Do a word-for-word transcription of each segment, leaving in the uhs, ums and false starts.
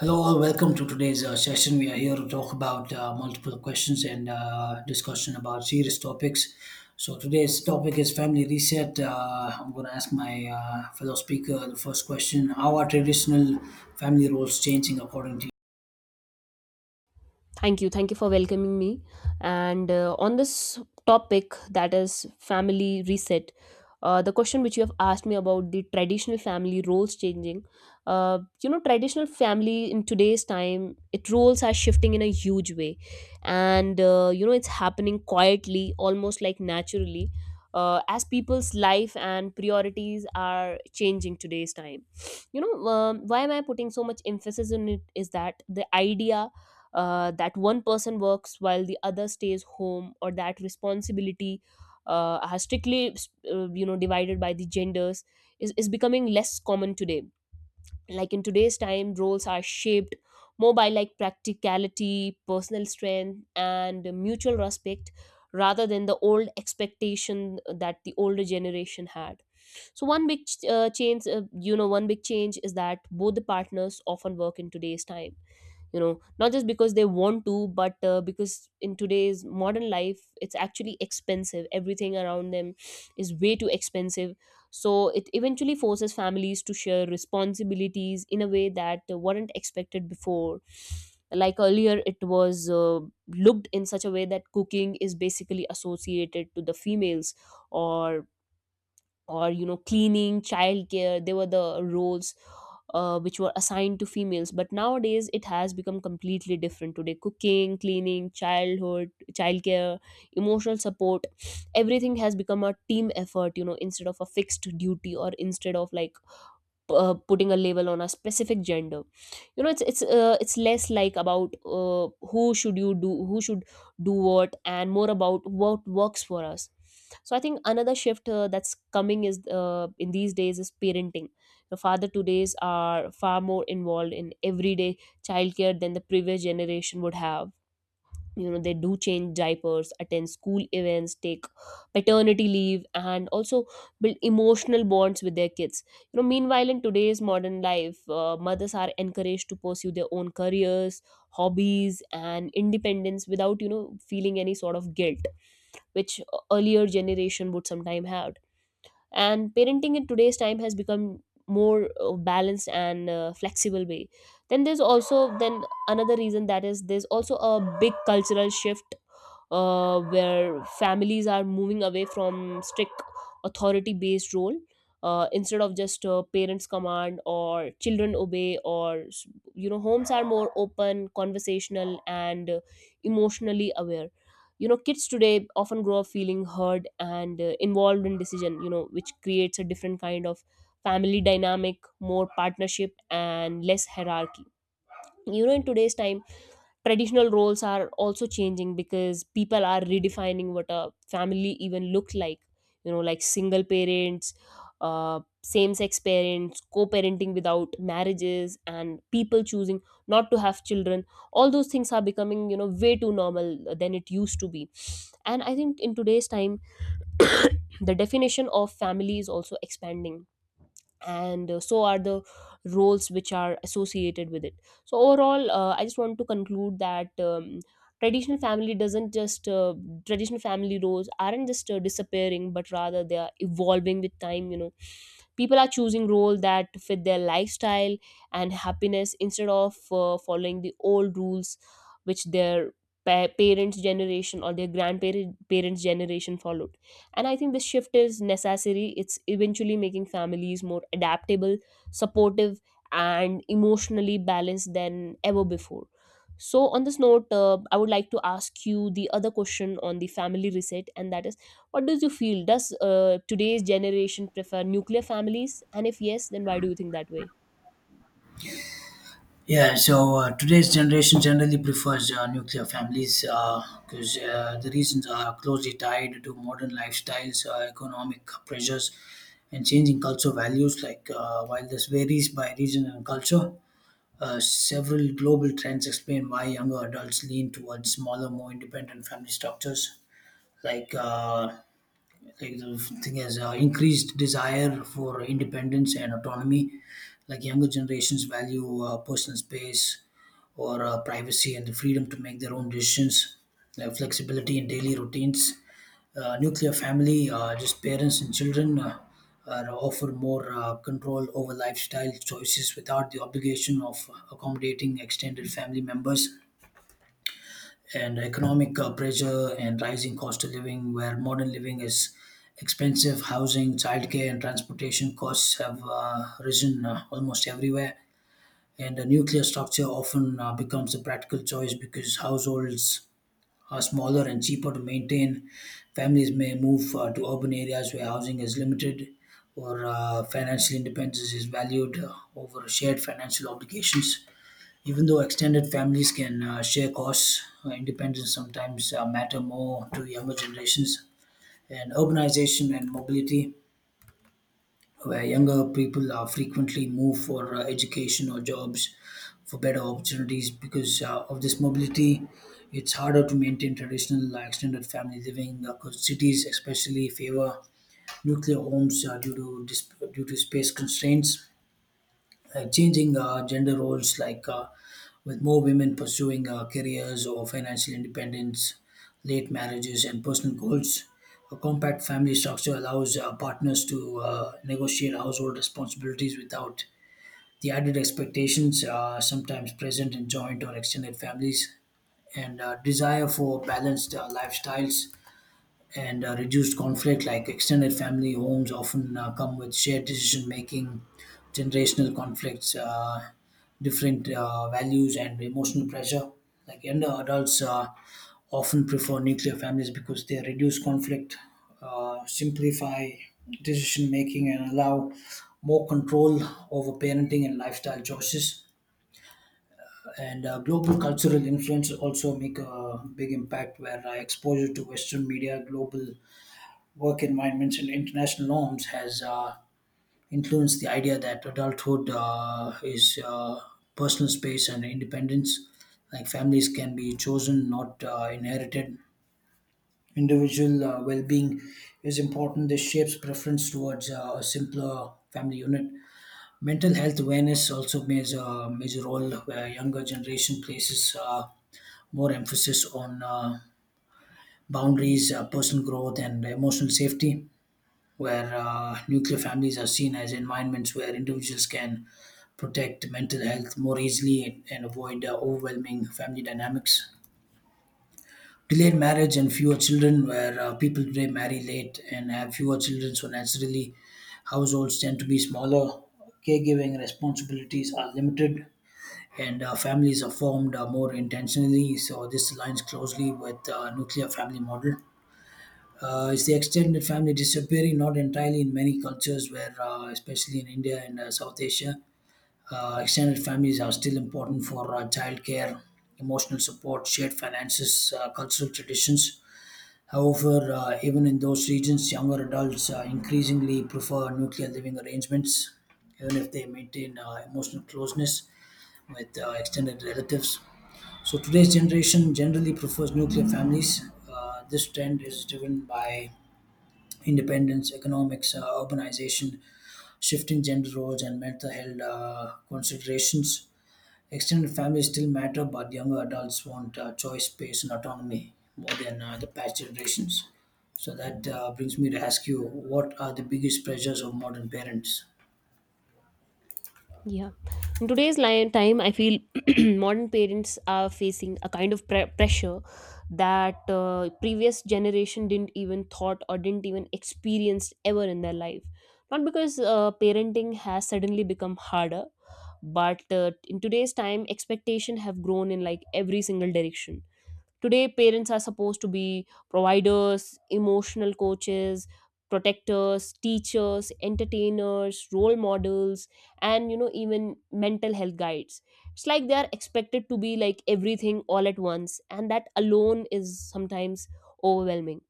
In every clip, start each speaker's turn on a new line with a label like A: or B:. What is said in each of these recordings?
A: Hello, all. Welcome to today's uh, session. We are here to talk about uh, multiple questions and uh, discussion about serious topics. So today's topic is family reset. Uh, I'm going to ask my uh, fellow speaker the first question: How are traditional family roles changing according to you?
B: Thank you. Thank you for welcoming me. And uh, on this topic, that is family reset, uh, the question which you have asked me about the traditional family roles changing, uh, you know, traditional family in today's time, it roles are shifting in a huge way, and uh, you know, it's happening quietly, almost like naturally, uh, as people's life and priorities are changing today's time. You know, um, why am I putting so much emphasis on it? Is that the idea? Uh, that one person works while the other stays home, or that responsibility uh, are strictly, uh, you know divided by the genders is, is becoming less common today. Like in today's time, roles are shaped more by like practicality, personal strength, and mutual respect rather than the old expectation uh, that the older generation had. So one big ch- uh, change uh, you know one big change is that both the partners often work in today's time, you know, not just because they want to, but uh, because in today's modern life, it's actually expensive. Everything around them is way too expensive. So it eventually forces families to share responsibilities in a way that weren't expected before. Like earlier, it was uh, looked in such a way that cooking is basically associated to the females, or or you know, cleaning, childcare, they were the roles uh, which were assigned to females. But nowadays it has become completely different. Today, cooking, cleaning, childhood, childcare, emotional support, everything has become a team effort, you know, instead of a fixed duty, or instead of like p- uh, putting a label on a specific gender. You know it's it's uh, it's less like about uh, who should you do, who should do what, and more about what works for us. So I think another shift uh, that's coming is uh, in these days is parenting. The father todays are far more involved in everyday childcare than the previous generation would have. You know, they do change diapers, attend school events, take paternity leave, and also build emotional bonds with their kids. You know, meanwhile in today's modern life, uh, mothers are encouraged to pursue their own careers, hobbies, and independence without, you know, feeling any sort of guilt, which uh, earlier generation would sometime have. And parenting in today's time has become more uh, balanced and uh, flexible way. Then there's also then another reason that is, there's also a big cultural shift uh, where families are moving away from strict authority based role. Uh, instead of just uh, parents command or children obey, or you know, homes are more open, conversational, and uh, emotionally aware. You know, kids today often grow up feeling heard and uh, involved in decision, you know, which creates a different kind of family dynamic, more partnership and less hierarchy. You know, in today's time, traditional roles are also changing because people are redefining what a family even looks like. You know, like single parents, uh, same sex parents, co-parenting without marriages, and people choosing not to have children, all those things are becoming, you know, way too normal than it used to be. And I think in today's time, the definition of family is also expanding, and uh, so are the roles which are associated with it. So overall, uh, I just want to conclude that um, traditional family doesn't just uh, traditional family roles aren't just uh, disappearing, but rather they are evolving with time. You know, people are choosing roles that fit their lifestyle and happiness instead of uh, following the old rules which their pa- parents generation or their grandparents parents generation followed. And I think this shift is necessary. It's eventually making families more adaptable, supportive, and emotionally balanced than ever before. So, on this note, uh, I would like to ask you the other question on the family reset, and that is, what do you feel? Does uh, today's generation prefer nuclear families? And if yes, then why do you think that way?
A: Yeah, so uh, today's generation generally prefers uh, nuclear families because uh, uh, the reasons are closely tied to modern lifestyles, uh, economic pressures, and changing cultural values. Like uh, while this varies by region and culture, Uh, several global trends explain why younger adults lean towards smaller, more independent family structures, like uh, like the thing is uh, increased desire for independence and autonomy, like younger generations value uh, personal space or uh, privacy and the freedom to make their own decisions, like flexibility in daily routines. Uh, nuclear family, uh, just parents and children, uh, are offered more uh, control over lifestyle choices without the obligation of accommodating extended family members, and economic uh, pressure and rising cost of living, where modern living is expensive, housing, childcare, and transportation costs have uh, risen uh, almost everywhere. And a nuclear structure often uh, becomes a practical choice because households are smaller and cheaper to maintain. Families may move uh, to urban areas where housing is limited or uh, financial independence is valued uh, over shared financial obligations, even though extended families can uh, share costs, uh, independence sometimes uh, matter more to younger generations. And urbanization and mobility, where younger people are frequently move for uh, education or jobs for better opportunities, because uh, of this mobility, it's harder to maintain traditional uh, extended family living. Uh, 'cause cities especially favor nuclear homes uh, due to dis- due to space constraints, like changing uh, gender roles, like uh, with more women pursuing uh, careers or financial independence, late marriages, and personal goals. A compact family structure allows uh, partners to uh, negotiate household responsibilities without the added expectations uh, sometimes present in joint or extended families, and uh, desire for balanced uh, lifestyles and uh, reduced conflict. Like extended family homes often uh, come with shared decision making, generational conflicts, uh, different uh, values, and emotional pressure. Like younger adults uh, often prefer nuclear families because they reduce conflict, uh, simplify decision making, and allow more control over parenting and lifestyle choices. And uh, global cultural influence also make a big impact where uh, exposure to Western media, global work environments and international norms has uh, influenced the idea that adulthood uh, is uh, personal space and independence. Like families can be chosen, not uh, inherited. Individual uh, well being is important. This shapes preference towards uh, a simpler family unit. Mental health awareness also plays a major role where younger generation places uh, more emphasis on uh, boundaries, uh, personal growth, and emotional safety, where uh, nuclear families are seen as environments where individuals can protect mental health more easily and avoid uh, overwhelming family dynamics. Delayed marriage and fewer children, where uh, people today marry late and have fewer children, so naturally households tend to be smaller, caregiving responsibilities are limited, and uh, families are formed uh, more intentionally. So, this aligns closely with uh, nuclear family model. Uh, is the extended family disappearing? Not entirely in many cultures, where uh, especially in India and uh, South Asia, uh, extended families are still important for uh, childcare, emotional support, shared finances, uh, cultural traditions. However, uh, even in those regions, younger adults uh, increasingly prefer nuclear living arrangements, even if they maintain uh, emotional closeness with uh, extended relatives. So today's generation generally prefers nuclear families. Uh, this trend is driven by independence, economics, uh, urbanization, shifting gender roles, and mental health uh, considerations. Extended families still matter, but younger adults want uh, choice, space, and autonomy more than uh, the past generations. So that uh, brings me to ask you, what are the biggest pressures of modern parents?
B: Yeah. In today's li- time, I feel modern parents are facing a kind of pre- pressure that uh, previous generation didn't even thought or didn't even experience ever in their life. Not because uh, parenting has suddenly become harder, but uh, in today's time, expectation have grown in like every single direction. Today, parents are supposed to be providers, emotional coaches, protectors, teachers, entertainers, role models, and you know, even mental health guides. It's like they are expected to be like everything all at once, and that alone is sometimes overwhelming.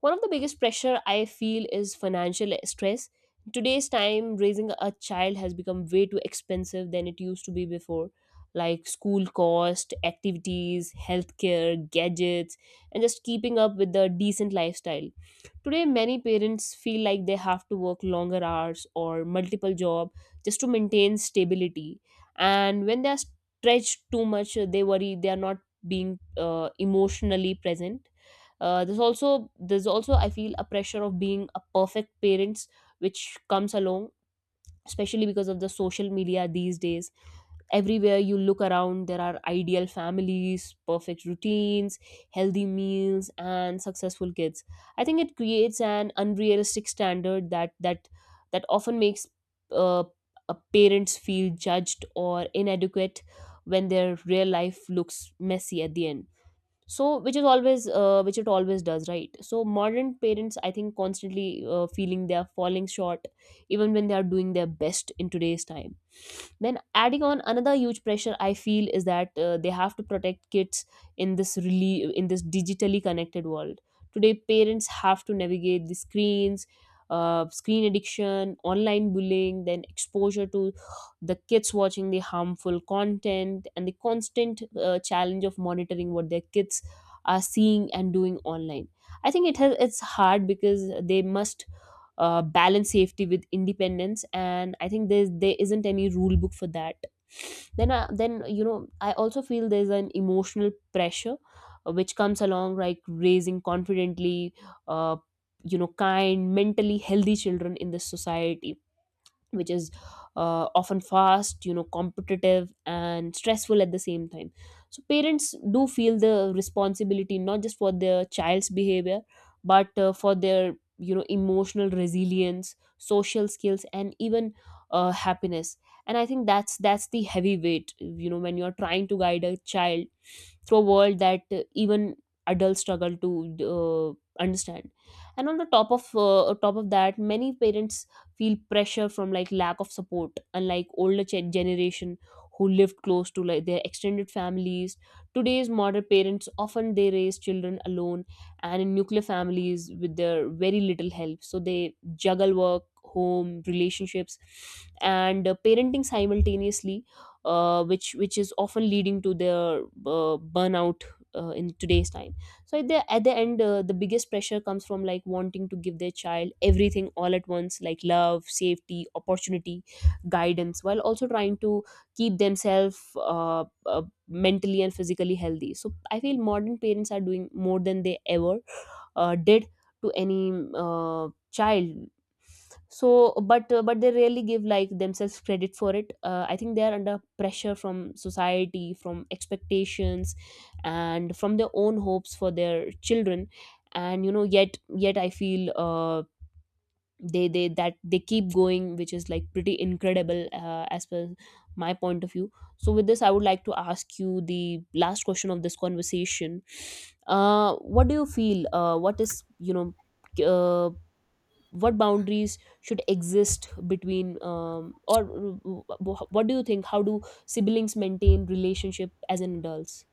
B: One of the biggest pressure I feel is financial stress. In today's time, raising a child has become way too expensive than it used to be before. Like school cost, activities, healthcare, gadgets, and just keeping up with the decent lifestyle. Today, many parents feel like they have to work longer hours or multiple job just to maintain stability. And when they are stretched too much, they worry they are not being uh, emotionally present. Uh, there's also There's also, I feel, a pressure of being a perfect parents which comes along, especially because of the social media these days. Everywhere you look around, there are ideal families, perfect routines, healthy meals, and successful kids. I think it creates an unrealistic standard that that that often makes uh, uh, parents feel judged or inadequate when their real life looks messy at the end. So, which is always uh, which it always does, right? So modern parents, I think, constantly uh, feeling they are falling short even when they are doing their best in today's time. Then adding on another huge pressure I feel is that uh, they have to protect kids in this really in this digitally connected world. Today parents have to navigate the screens, uh, screen addiction, online bullying, then exposure to the kids watching the harmful content, and the constant uh, challenge of monitoring what their kids are seeing and doing online. I think it has, it's hard because they must uh, balance safety with independence, and I think there's there isn't any rule book for that. Then uh, then you know, I also feel there's an emotional pressure uh, which comes along, like raising confidently, uh, you know, kind, mentally healthy children in this society, which is uh, often fast, you know, competitive and stressful at the same time. So parents do feel the responsibility not just for their child's behavior, but uh, for their, you know, emotional resilience, social skills, and even uh, happiness. And I think that's that's the heavy weight, you know, when you're trying to guide a child through a world that uh, even adults struggle to uh, understand. And on the top of uh, top of that, many parents feel pressure from like lack of support. Unlike older gen- generation who lived close to like their extended families, today's modern parents often they raise children alone and in nuclear families with their very little help. So they juggle work, home, relationships, and uh, parenting simultaneously, uh, which which is often leading to their uh, burnout uh, in today's time. So at the at the end, uh, the biggest pressure comes from like wanting to give their child everything all at once, like love, safety, opportunity, guidance, while also trying to keep themselves uh, uh, mentally and physically healthy. So I feel modern parents are doing more than they ever uh, did to any uh, child. So, but uh, but they rarely give like themselves credit for it. uh, I think they are under pressure from society, from expectations, and from their own hopes for their children. And you know, yet yet I feel uh, they they that they keep going, which is like pretty incredible uh, as per my point of view. So with this, I would like to ask you the last question of this conversation. Uh, what do you feel? Uh, what is you know uh, what boundaries should exist between, um, or uh, what do you think, how do siblings maintain relationship as an adults?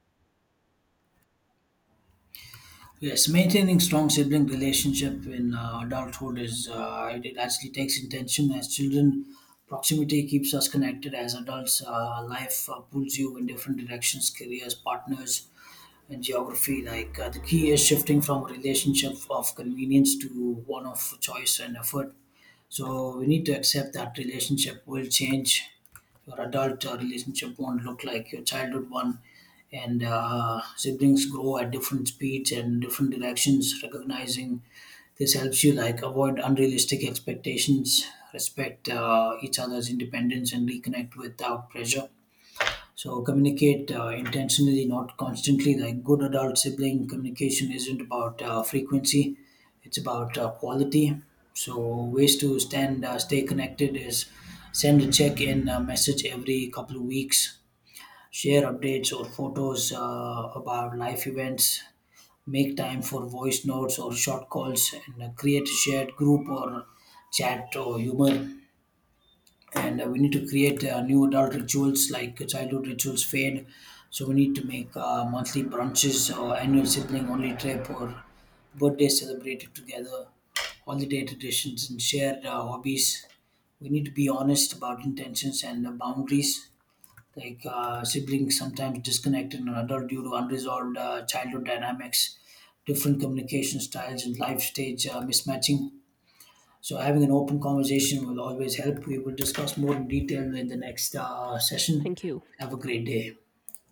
A: Yes, maintaining strong sibling relationship in uh, adulthood is uh, it, it actually takes intention as children. Proximity keeps us connected as adults. Uh, life uh, pulls you in different directions, careers, partners, and geography. Like uh, the key is shifting from a relationship of convenience to one of choice and effort. So we need to accept that relationship will change. Your adult uh, relationship won't look like your childhood one, and uh, siblings grow at different speeds and different directions. Recognizing this helps you like avoid unrealistic expectations, respect uh, each other's independence, and reconnect without pressure. So communicate uh, intentionally, not constantly. Like good adult sibling communication isn't about uh, frequency; it's about uh, quality. So ways to stand, uh, stay connected is send a check-in uh, message every couple of weeks, share updates or photos uh, about life events, make time for voice notes or short calls, and uh, create a shared group or chat or humor, and uh, we need to create uh, new adult rituals, like childhood rituals fade, so we need to make uh, monthly brunches or annual sibling only trip or birthday celebrated together, holiday traditions and shared uh, hobbies. We need to be honest about intentions and uh, boundaries. Like uh, siblings sometimes disconnect in an adult due to unresolved uh, childhood dynamics, different communication styles and life stage uh, mismatching. So having an open conversation will always help. We will discuss more in detail in the next uh, session.
B: Thank you.
A: Have a great day.